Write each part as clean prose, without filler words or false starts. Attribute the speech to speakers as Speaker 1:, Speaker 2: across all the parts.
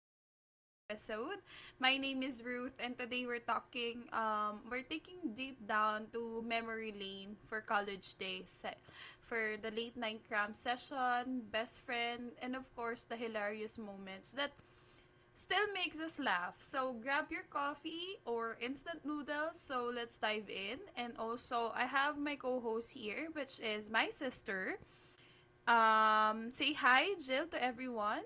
Speaker 1: podcast episode. My name is Ruth, and today we're talking. We're taking deep down to memory lane for college days, for the late night cram session, best friend, and of course the hilarious moments that still makes us laugh. So grab your coffee or instant noodles. So let's dive in. And also, I have my co-host here, which is my sister. Say hi, Jill, to everyone.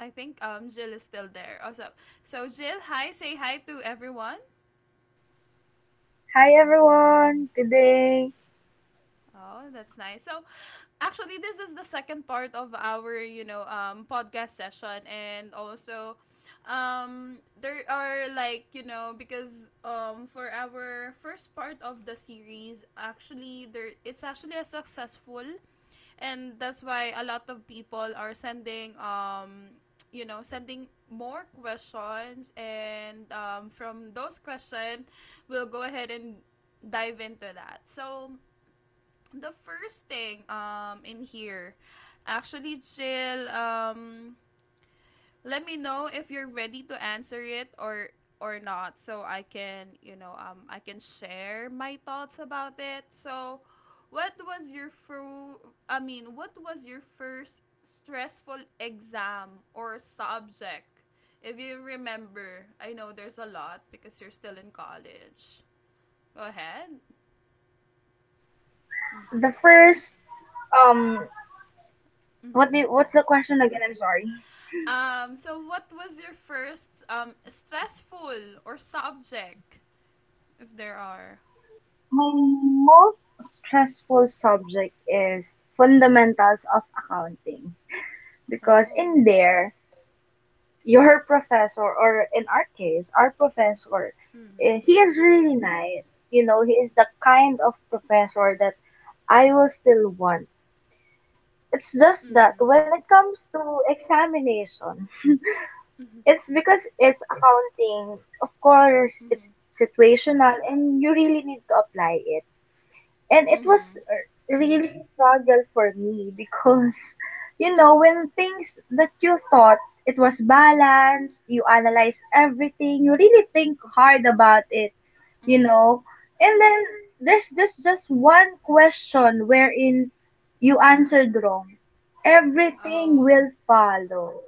Speaker 1: I think Jill is still there. Also, Jill, hi, say hi to everyone.
Speaker 2: Hi everyone. Good day.
Speaker 1: Oh, that's nice. So, actually, this is the second part of our, podcast session, and also, there are like you know because for our first part of the series, actually, there it's actually a successful, and that's why a lot of people are sending sending more questions, and from those questions we'll go ahead and dive into that. So the first thing in here, actually, Jill, let me know if you're ready to answer it or not, so I can, I can share my thoughts about it. So, what was your what was your first stressful exam or subject? If you remember, I know there's a lot because you're still in college. Go ahead. Mhm.
Speaker 2: The first um
Speaker 1: Mhm.
Speaker 2: what do you, What's the question again? I'm sorry.
Speaker 1: So what was your first stressful or subject, if there are?
Speaker 2: My most stressful subject is fundamentals of accounting because in
Speaker 1: Oh.
Speaker 2: there your professor, or in our case our professor,
Speaker 1: Mm-hmm.
Speaker 2: he is really nice. You know, he is the kind of professor that I will still want. It's just that
Speaker 1: Mm-hmm.
Speaker 2: when it comes to examination.
Speaker 1: Mm-hmm.
Speaker 2: It's because it's accounting. Of course, it's
Speaker 1: Mm-hmm.
Speaker 2: situational and you really need to apply it. And it was
Speaker 1: Mm-hmm.
Speaker 2: a really struggle for me because you know, when things that you thought it was balanced, you analyze everything, you really think hard about it, you
Speaker 1: Mm-hmm.
Speaker 2: know. And then there's just one question wherein you answered wrong. Everything
Speaker 1: Oh.
Speaker 2: will follow.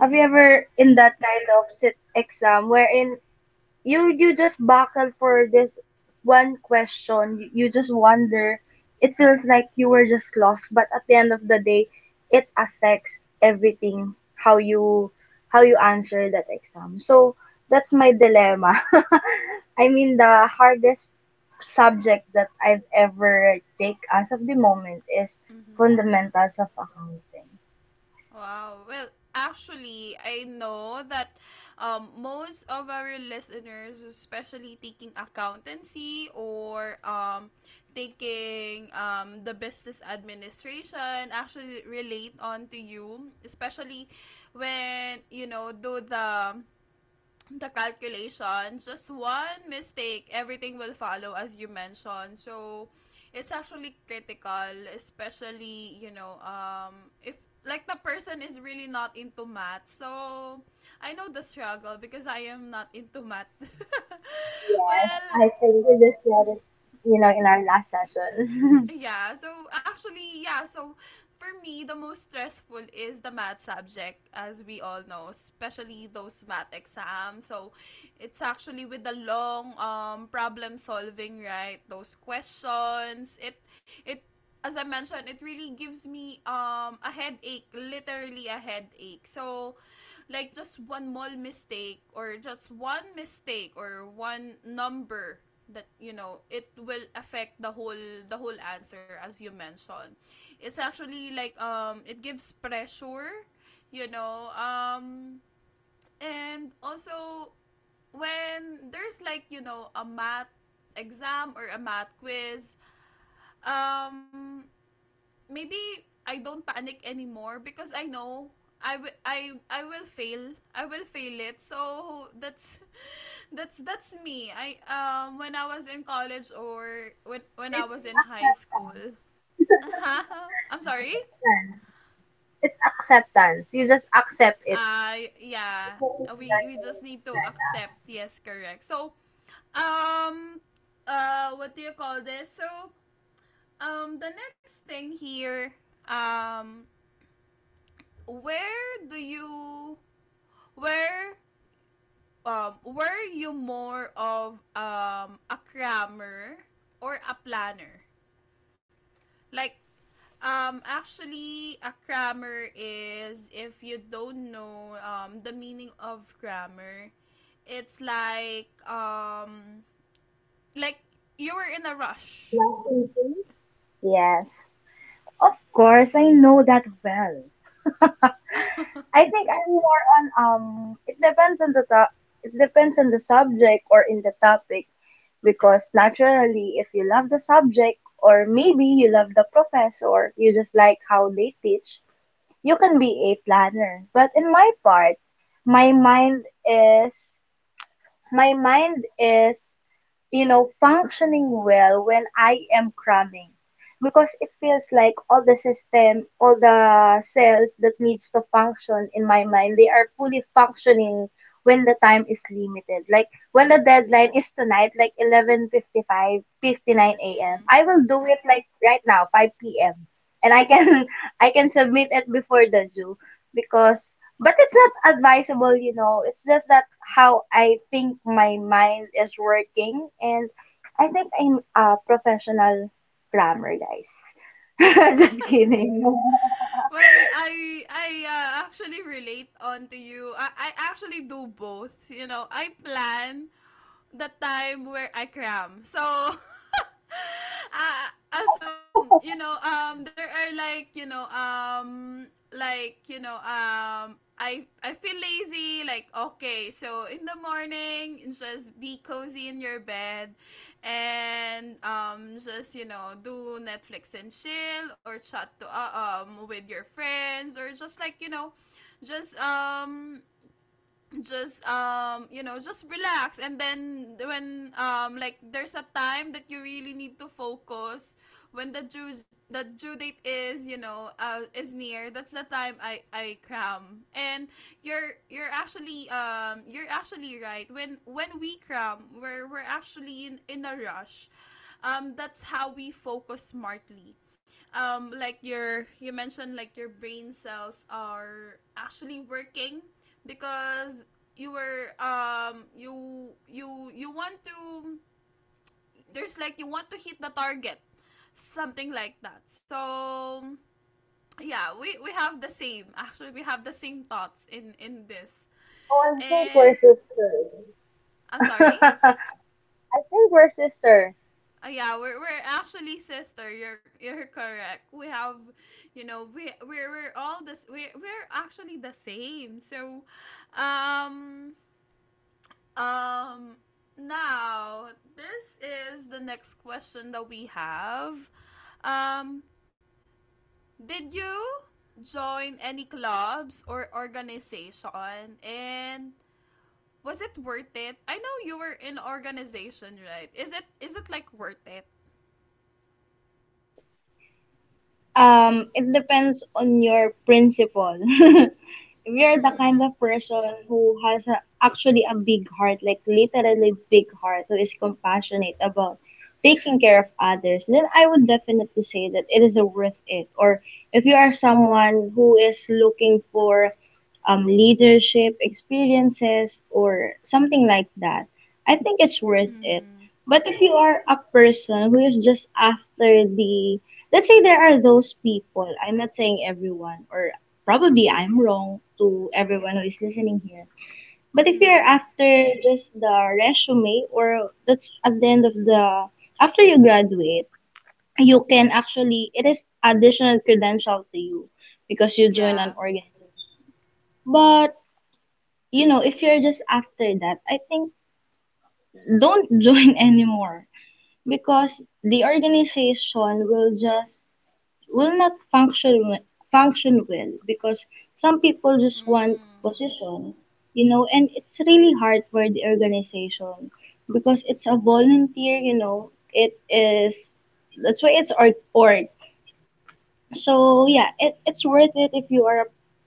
Speaker 2: Have you ever in that kind of sit exam wherein you just buckle for this one question, you just wonder, it feels like you were just lost, but at the end of the day, it affects everything, how you how you answer that exam. So that's my dilemma. I mean, the hardest subject that I've ever take as of the moment is
Speaker 1: Mm-hmm.
Speaker 2: fundamentals of accounting.
Speaker 1: Wow. Well, actually, I know that most of our listeners, especially taking accountancy or taking the business administration, actually relate on to you, especially when you know do the calculation. Just one mistake, everything will follow as you mentioned. So it's actually critical, especially, you know, if like the person is really not into math. So I know the struggle because I am not into math.
Speaker 2: Yes,
Speaker 1: Well,
Speaker 2: I think we just said it, you know, in our last session.
Speaker 1: yeah, so actually, yeah, so for me, the most stressful is the math subject, as we all know, especially those math exams. So it's actually with the long problem solving, right? Those questions. It, as I mentioned, it really gives me a headache, literally a headache. So like just one small mistake or just one mistake or one number that you know it will affect the whole answer as you mentioned. It's actually like it gives pressure, you know um and also when there's like a math exam or a math quiz, um maybe I don't panic anymore because I know I will fail. I will fail it. So that's that's me. I when I was in college or when I
Speaker 2: It's
Speaker 1: was in high
Speaker 2: acceptance.
Speaker 1: school. I'm sorry.
Speaker 2: Acceptance. It's acceptance. You just accept it.
Speaker 1: I yeah. We just need to accept. Yes, correct. So um what do you call this? So the next thing here, um where do you where were you more of a crammer or a planner? Like actually a crammer is if you don't know the meaning of grammar, it's like like you were in a rush.
Speaker 2: Yes, of course, I know that well. I think I'm more on. It depends on the top. It depends on the subject or in the topic, because naturally, if you love the subject or maybe you love the professor, you just like how they teach. You can be a planner, but in my part, my mind is my mind is, you know, functioning well when I am cramming, because it feels like all the system, all the cells that needs to function in my mind, they are fully functioning when the time is limited. Like when the deadline is tonight, like eleven fifty five fifty nine 59 a.m.
Speaker 1: Mm.
Speaker 2: I will do it like right now, 5 p.m. And I can I can submit it before the due, because but it's not advisable, you know. It's just that how I think my mind is working, and I think I'm a professional plumber, guys. Just kidding.
Speaker 1: Well, I actually relate on to you. I actually do both. You know, I plan the time where I cram. So, so you know, there are I feel lazy. Like okay, so in the morning, just be cozy in your bed, and just you know, do Netflix and chill, or chat to with your friends, or just just um you know just relax. And then when like there's a time that you really need to focus when the due date is is near, that's the time I cram. And you're actually you're actually right. When we cram, we're actually in a rush. That's how we focus smartly. Like you mentioned, like your brain cells are actually working because you want to, there's like you want to hit the target, something like that. So yeah, we have the same. Actually, we have the same thoughts in this.
Speaker 2: Oh, I think we're
Speaker 1: eh
Speaker 2: sisters.
Speaker 1: I'm sorry.
Speaker 2: I think we're sisters.
Speaker 1: Yeah, we're actually sister. You're correct. We have, you know, we're all this. We're actually the same. So um Um, Now, this is the next question that we have. Um, did you join any clubs or organization, and was it worth it? I know you were in organization, right? Is it like worth it?
Speaker 2: It depends on your principle. If you're the kind
Speaker 1: Mm.
Speaker 2: of person who has actually a big heart, like literally big heart, who is compassionate about taking care of others, then I would definitely say that it is worth it. Or if you are someone who is looking for leadership experiences or something like that, I think it's worth it.
Speaker 1: Mhm.
Speaker 2: But if you are a person who is just after the, let's say, there are those people, I'm not saying everyone, or probably I'm wrong to everyone who is listening here, but if you're
Speaker 1: Mhm.
Speaker 2: after just the resume, or that's at the end of the, after you graduate, you can actually, it is additional credential to you because you join an
Speaker 1: Yeah.
Speaker 2: organization. But you know, if you're just after that, I think don't join anymore, because the organization will just, will not function well, because some people just want
Speaker 1: Mm.
Speaker 2: position, you know, and it's really hard for the organization because it's a volunteer, you know, it is, that's why it's art org. So yeah, it's worth it if you are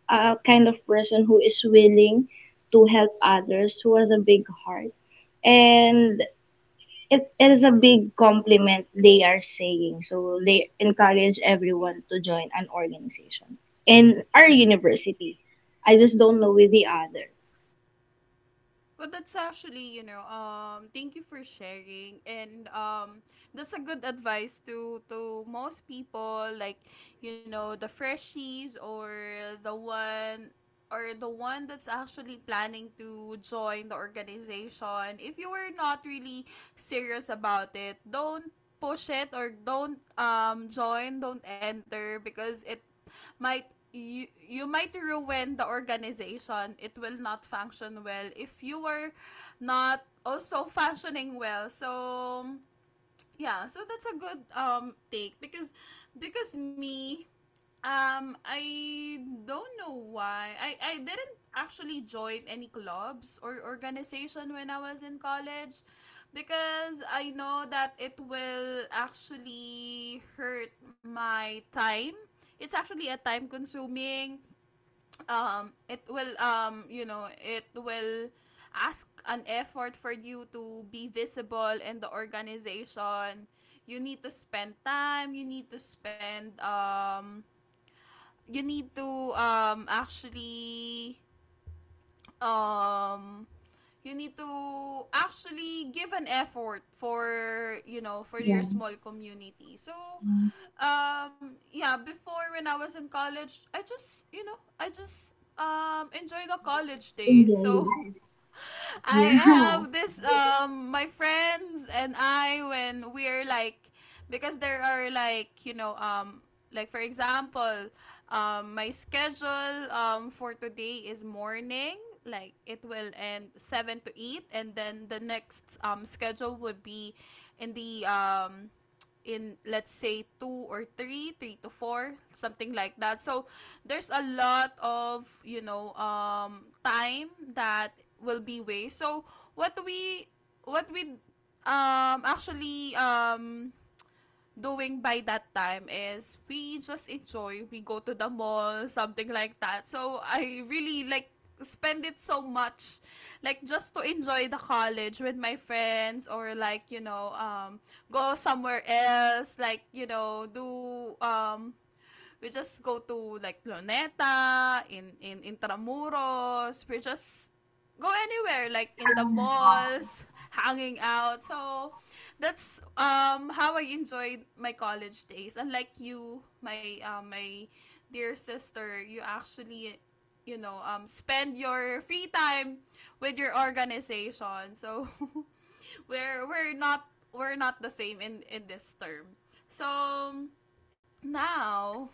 Speaker 2: a kind of person who is willing to help others, who has a big heart. And it is a big compliment they are saying. So they encourage everyone to join an organization in our university. I just don't know with the other.
Speaker 1: Well, that's actually, you know, thank you for sharing, and that's a good advice to most people, like, you know, the freshies or the one the one that's actually planning to join the organization. If you were not really serious about it, don't push it or don't join, don't enter, because it might you might ruin the organization. It will not function well if you are not also functioning well. So yeah, so that's a good take. Because me I don't know why. I didn't actually join any clubs or organization when I was in college because I know that it will actually hurt my time. It's actually a time consuming. It will it will ask an effort for you to be visible in the organization. You need to spend time, you need to spend you need to actually um you need to actually give an effort for you know for
Speaker 2: Yeah.
Speaker 1: your small community. So
Speaker 2: Nice.
Speaker 1: yeah, before, when I was in college, I just you know I just enjoy the college days.
Speaker 2: Enjoy
Speaker 1: So
Speaker 2: life.
Speaker 1: I
Speaker 2: Yeah.
Speaker 1: have this my friends and I, when we're like, because there are like like for example, my schedule for today is morning, like it will end 7 to 8, and then the next schedule would be in the in let's say 2 or 3 to 4, something like that. So there's a lot of you know time that will be waste. So what we what we actually doing by that time is we just enjoy, we go to the mall, something like that. So I really like spend it so much, like just to enjoy the college with my friends, or like you know go somewhere else, like you know do We just go to like Luneta, in Intramuros. We just go anywhere like in the malls, hanging out. So that's how I enjoyed my college days. Unlike you, my dear sister, you actually you know spend your free time with your organization. So we're not the same in this term. So now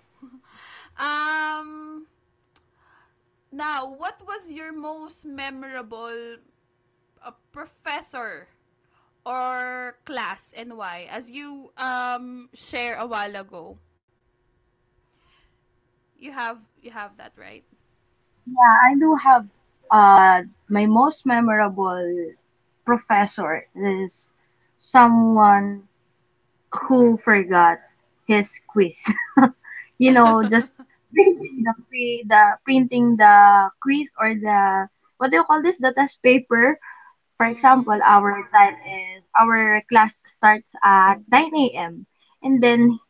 Speaker 1: Um, Now, what was your most memorable professor or class, and why? As you share a while ago, you have, you have that right.
Speaker 2: I do have uh my most memorable professor is someone who forgot his quiz. You know, just printing the quiz or the, what do you call this? The test paper. For
Speaker 1: Mm.
Speaker 2: example, our time is our class starts at 9 a.m. and then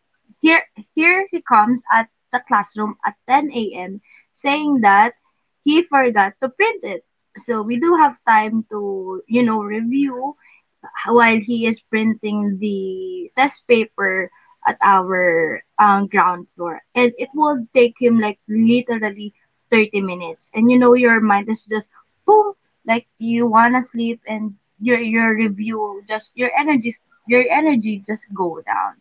Speaker 2: here here he comes at the classroom at 10 a.m., saying that he forgot to print it. So we do have time to, you know, review while he is printing the test paper at our ground floor. And it will take him like literally 30 minutes. And you know, your mind is just boom, like you want to sleep and your review, just your energy just go down.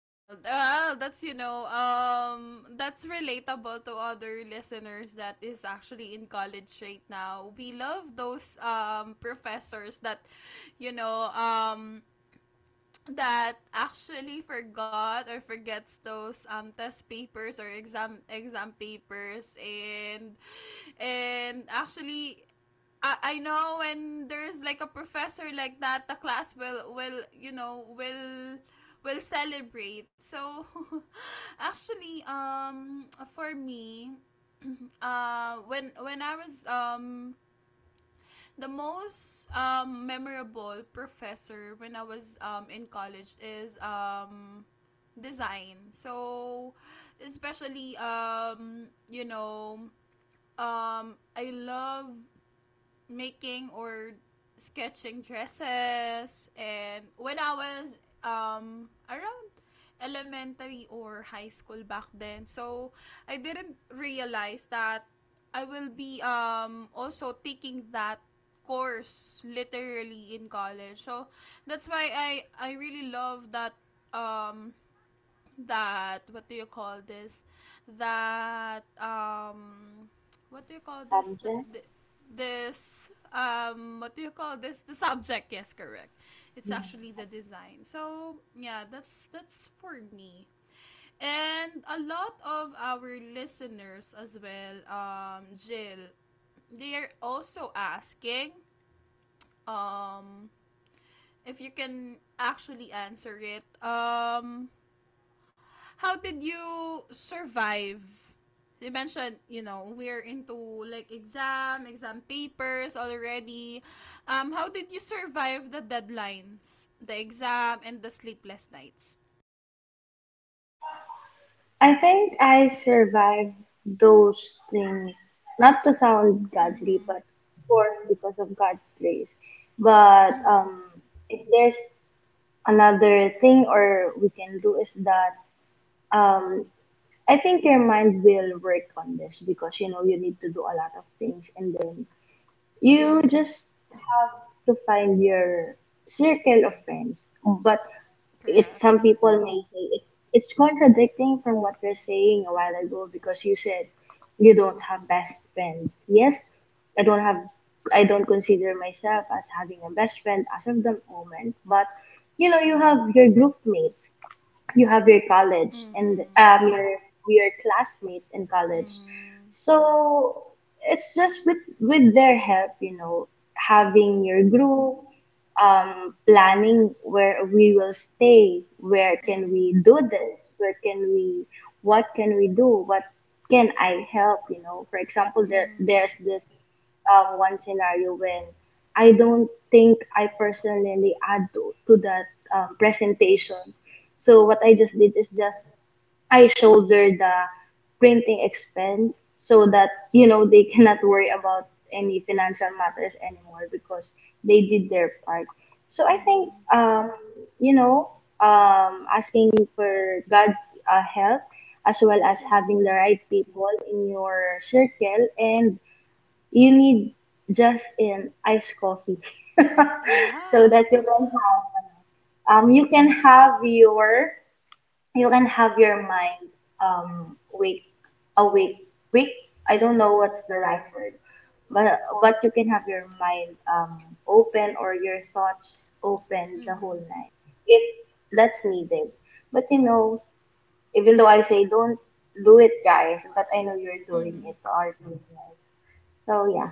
Speaker 1: Well, that's you know, that's relatable to other listeners that is actually in college right now. We love those professors that, you know, that actually forgot or forgets those test papers or exam papers. And actually I know when there's like a professor like that, the class will you know will celebrate. So actually for me, when I was the most memorable professor when I was in college is design. So, especially, I love making or sketching dresses, and when I was around elementary or high school back then. So I didn't realize that I will be also taking that course literally in college. So that's why I really love that um that what do you call this that what do you call this Th- th-
Speaker 2: Subject.
Speaker 1: this what do you call this the subject. Yes, correct. It's actually the design. So yeah, that's for me. And a lot of our listeners as well, Jill, they are also asking um if you can actually answer it. How did you survive? You mentioned, you know, we're into like exam papers already. How did you survive the deadlines, the exam, and the sleepless nights?
Speaker 2: I think I survived those things, not to sound godly,
Speaker 1: Mm-hmm.
Speaker 2: but of course because of God's grace. But
Speaker 1: Mm-hmm.
Speaker 2: if there's another thing or we can do, is that um I think your mind will work on this because, you know, you need to do a lot of things and then you
Speaker 1: Mm-hmm.
Speaker 2: just have to find your circle of friends. But it's
Speaker 1: Correct.
Speaker 2: some people may say it's contradicting from what you're saying a while ago, because you said you don't have best friends. Yes, I don't have I don't consider myself as having a best friend as of the moment, but you know, you have your group mates, you have your college and
Speaker 1: Mm-hmm.
Speaker 2: your classmates in college.
Speaker 1: Mm-hmm.
Speaker 2: So it's just with their help, you know, having
Speaker 1: Mm-hmm.
Speaker 2: your group, planning where we will stay, where can
Speaker 1: Mm-hmm.
Speaker 2: we do this, where can we, what can we do, what can I help, you know? For example, there
Speaker 1: Mm-hmm.
Speaker 2: there's this one scenario when I don't think I personally add to that presentation. So what I just
Speaker 1: Mm-hmm.
Speaker 2: did is just I shoulder the printing expense so that, you know, they cannot worry about any financial matters anymore because they did their part. So I think,
Speaker 1: Mm-hmm.
Speaker 2: you know, asking for God's help, as well as
Speaker 1: Mm-hmm.
Speaker 2: having the right people in your circle, and you need just an iced coffee so
Speaker 1: Yeah.
Speaker 2: that you can have your mind wake awake wake, I don't know
Speaker 1: Mm-hmm.
Speaker 2: what's the right word, but you can have your mind open, or your thoughts open the whole
Speaker 1: Mm-hmm.
Speaker 2: night if that's needed. But you know, even though I say don't do it, guys, but I know you're doing
Speaker 1: Mm-hmm.
Speaker 2: it already, our listeners, so yeah.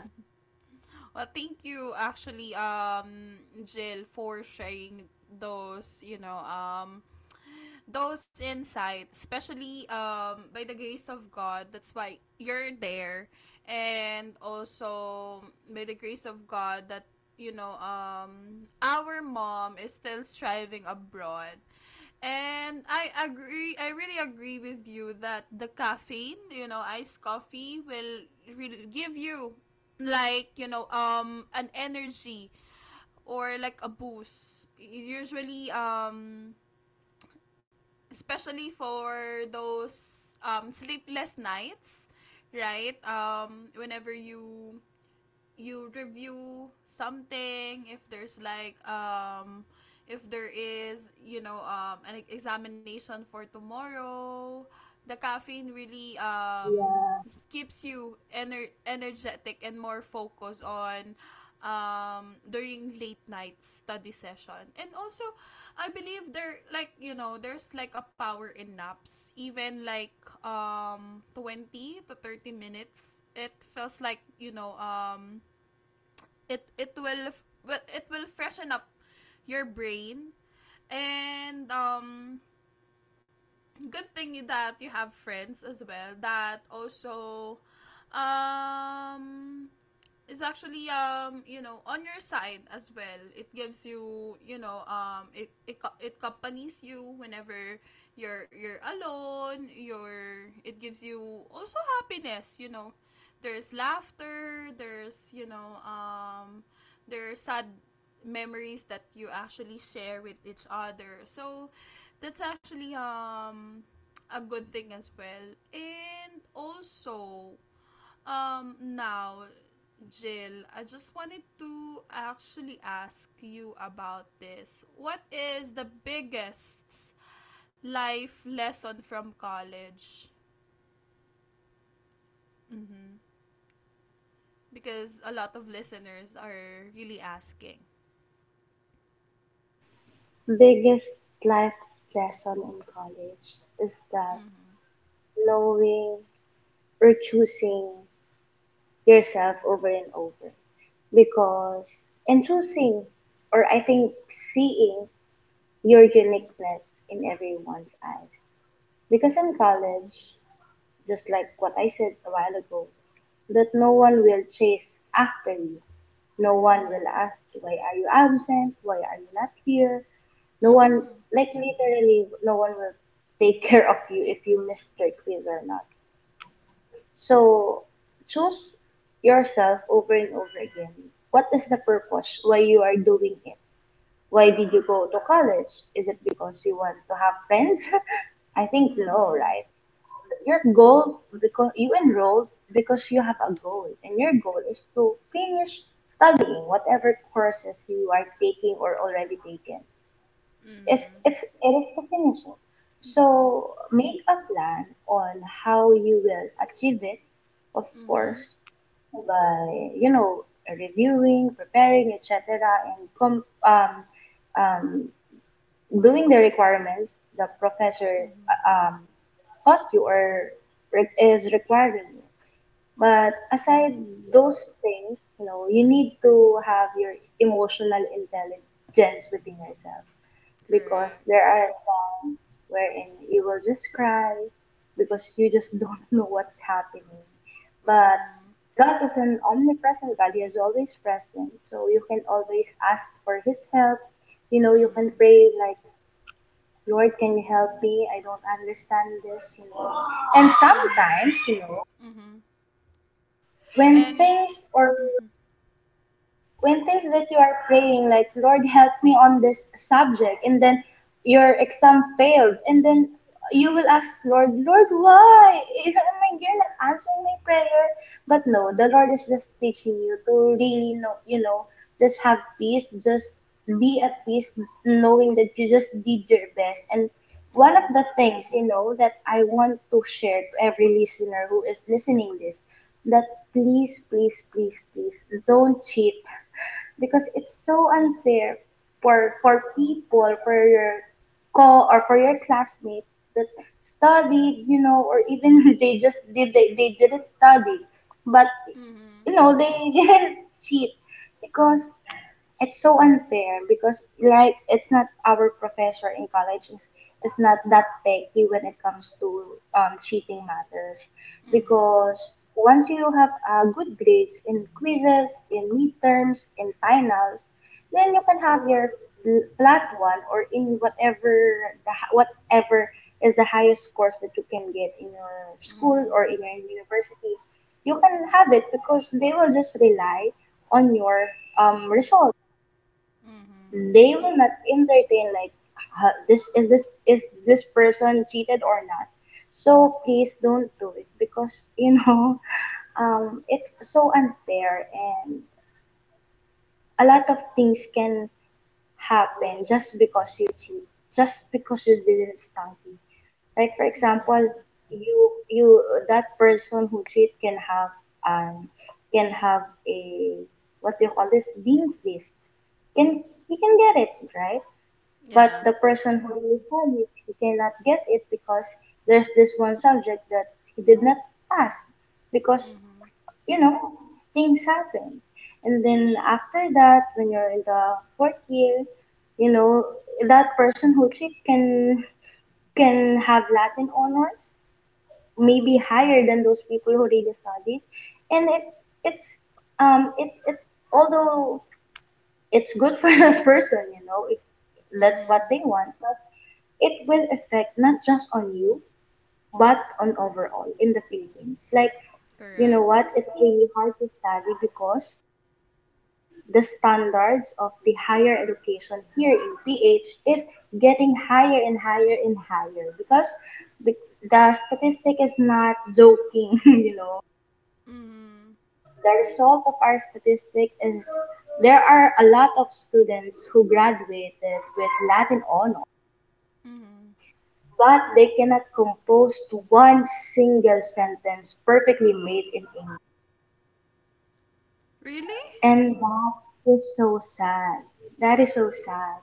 Speaker 1: Well, thank you actually, Jill, for sharing those, you know, those insights, especially by the grace of God. That's why you're there, and also by the grace of God that you know our mom is still striving abroad. And I agree. I really agree with you that the caffeine, iced coffee will really give you like an energy or like a boost. Usually, especially for those sleepless nights, right? Whenever you review something, if there's like if there is an examination for tomorrow, the caffeine really
Speaker 2: Yeah.
Speaker 1: keeps you energetic and more focused on during late night study session. And also, I believe there there's like a power in naps, even like 20 to 30 minutes. It feels like it will well, it will freshen up your brain. And good thing that you have friends as well, that also um is actually on your side as well. It gives you, you know it accompanies you whenever you're alone. Your It gives you also happiness, you know. There's laughter, there's there are sad memories that you actually share with each other. So that's actually a good thing as well. And also, now, Jill, I just wanted to actually ask you about this. What is the biggest life lesson from college? Mm-hmm. Because a lot of listeners are really asking.
Speaker 2: Biggest life lesson in college is that
Speaker 1: Mm-hmm.
Speaker 2: knowing or choosing yourself over and over, because and choosing, or I think seeing your uniqueness in everyone's eyes. Because in college, just like what I said a while ago, that no one will chase after you. No one will
Speaker 1: Mm-hmm.
Speaker 2: ask why are you absent, why are you not here. No one,
Speaker 1: Mm-hmm.
Speaker 2: like literally no one will take care of you if you missed your quiz or not. So choose yourself over and over again. What is the purpose? Why you are doing it? Why did you go to college? Is it because you want to have friends? I think no, right? Your goal, because you enrolled, because you have a goal, and your goal is to finish studying whatever courses you are taking or already taken. If
Speaker 1: Mm-hmm.
Speaker 2: it is to finish it.
Speaker 1: Mm-hmm.
Speaker 2: So make a plan on how you will achieve it, of
Speaker 1: Mm-hmm.
Speaker 2: course, by, you know, reviewing, preparing, etc., and um, doing the requirements the professor
Speaker 1: Mm-hmm.
Speaker 2: taught you, or is requiring you. But aside
Speaker 1: Mm-hmm.
Speaker 2: those things, you know, you need to have your emotional intelligence within yourself, because
Speaker 1: Correct.
Speaker 2: there are times wherein you will just cry because you just don't know what's happening. But
Speaker 1: Mm-hmm.
Speaker 2: God is an omnipresent God. He is always present. So you can always ask for His help. You know, you can
Speaker 1: Mm-hmm.
Speaker 2: pray like, Lord, can you help me? I don't understand this, you know. And
Speaker 1: Mm-hmm.
Speaker 2: sometimes, you know,
Speaker 1: Mm-hmm.
Speaker 2: when
Speaker 1: And
Speaker 2: things or
Speaker 1: mm-hmm.
Speaker 2: when things that you are praying, like, Lord, help me on this subject, and then your exam failed, and then you will ask, Lord, why? I mean, you're not answering my prayer. But no, the Lord is just teaching you to really know, you know, just have peace, just be at peace, knowing that you just did your best. And one of
Speaker 1: Mm-hmm.
Speaker 2: the things, you know, that I want to share to every listener who is listening this, that please please please please don't cheat, because it's so unfair for people, for your classmates that studied, you know, or even they didn't study, but
Speaker 1: Mhm.
Speaker 2: you know, they didn't cheat, because it's so unfair. Because, like, it's not, our professor in college is not that techy when it comes to cheating matters.
Speaker 1: Mhm.
Speaker 2: Because once you have good grades in quizzes, in midterms, in finals, then you can have your flat one, or in whatever whatever is the highest scores that you can get in your school
Speaker 1: Mhm.
Speaker 2: or in your university. You can have it because they will just rely on your result.
Speaker 1: Mhm.
Speaker 2: They will not entertain like, This is, this person cheated or not." So please don't do it because you know, it's so unfair, and a lot of things can happen just because you cheat, just because you didn't study. Like for example,
Speaker 1: Mhm.
Speaker 2: you that person who cheat can have, um can have a, what do you call this, dean's list. Can He can get it, right? But the
Speaker 1: Yeah.
Speaker 2: person who will study, he cannot get it because there's this one subject that he did not pass because,
Speaker 1: Mhm.
Speaker 2: you know, things happen. And then after that, when you're in the fourth year, you know, that person who cheat can have Latin honors, maybe higher than those people who really studied. And it's it's although it's good for that person, you know, if that's what
Speaker 1: Mhm.
Speaker 2: they want, but it will affect not just on you, but on overall in the Philippines. Like, you know
Speaker 1: Correct.
Speaker 2: what, it's really hard to study because the standards of the higher education here in PH is getting higher and higher and higher, because the, the statistic is not joking, you know.
Speaker 1: Mhm.
Speaker 2: The result of our statistic is there are a lot of students who graduated with Latin honor,
Speaker 1: Mhm.
Speaker 2: but they cannot compose to one single sentence perfectly made in English.
Speaker 1: Really?
Speaker 2: And that is so sad. That is so sad.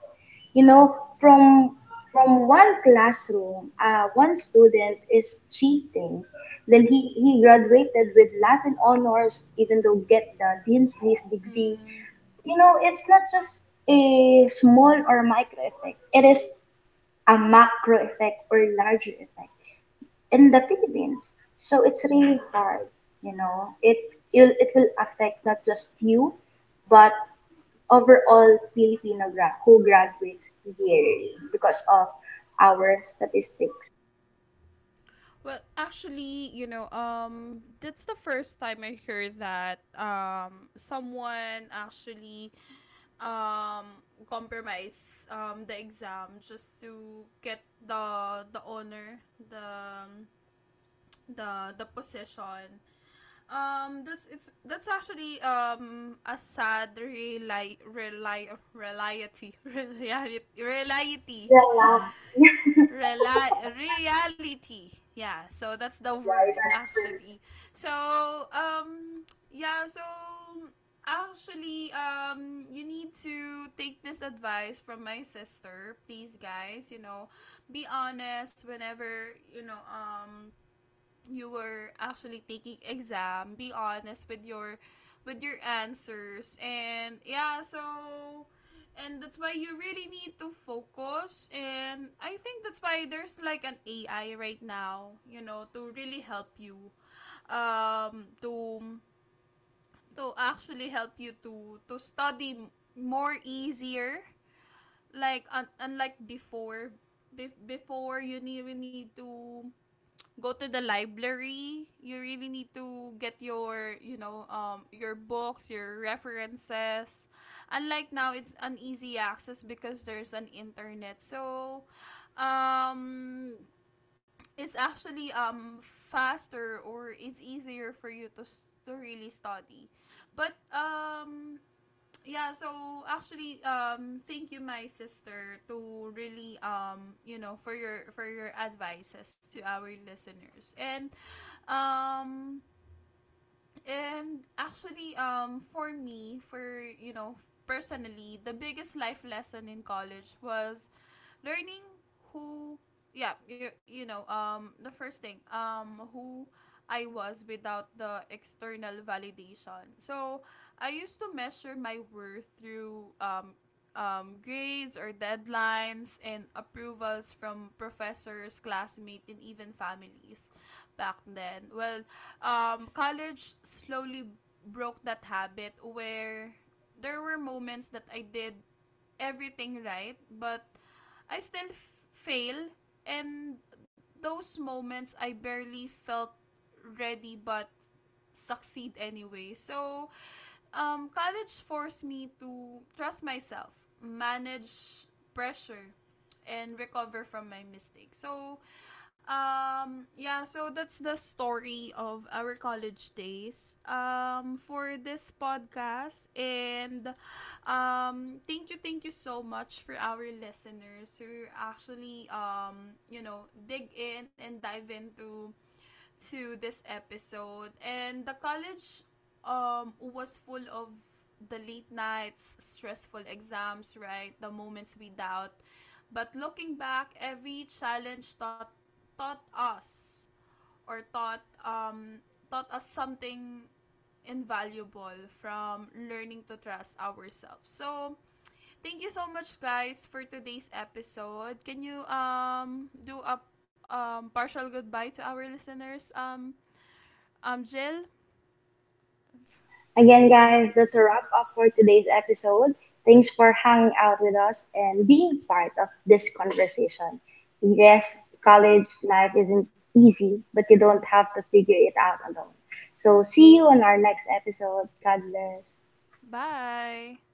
Speaker 2: You know, from from one classroom, one student is cheating. Then he graduated with Latin honors, even though get the dean's list degree.
Speaker 1: Mhm.
Speaker 2: You know, it's not just a small or micro effect. It is a macro effect or larger effect in the Philippines. So it's really hard. You know, it will affect not just you, but overall Filipino who graduates yearly because of our statistics.
Speaker 1: Well, actually, that's the first time I heard that someone actually um compromise the exam just to get the honor, the the position. That's actually a sad reli reli reality
Speaker 2: Well,
Speaker 1: reality. Yeah, so that's the word
Speaker 2: yeah.
Speaker 1: actually. So yeah, so actually you need to take this advice from my sister, please, guys. You know, be honest whenever you were actually taking exam, be honest with your answers. And yeah, so and that's why you really need to focus. And I think that's why there's like an AI right now, you know, to really help you, to actually help you to study more easier, like unlike before. Be Before you need to go to the library. You really need to get your, your books, your references. Unlike now, it's an easy access because there's an internet. So, um, it's actually faster, or it's easier for you to to really study. But yeah, so actually thank you, my sister, to really for your advices to our listeners. And um and actually, for me, for, personally, the biggest life lesson in college was learning who, yeah, the first thing, who I was without the external validation. So I used to measure my worth through grades or deadlines and approvals from professors, classmates, and even families back then. Well, college slowly broke that habit, where there were moments that I did everything right, but I still fail. And those moments, I barely felt ready but succeed anyway. So, college forced me to trust myself, manage pressure, and recover from my mistakes. So, yeah, so that's the story of our college days, for this podcast. And thank you so much for our listeners who actually, dig in and dive into to this episode. And the college was full of the late nights, stressful exams, right? The moments we doubt. But looking back, every challenge taught taught us or taught taught us something invaluable, from learning to trust ourselves. So, thank you so much, guys, for today's episode. Can you do a partial goodbye to our listeners, Angel.
Speaker 2: Again, guys, that's a wrap up for today's episode. Thanks for hanging out with us and being part of this conversation. Yes, college life isn't easy, but you don't have to figure it out alone. So, see you on our next episode. God bless.
Speaker 1: Bye.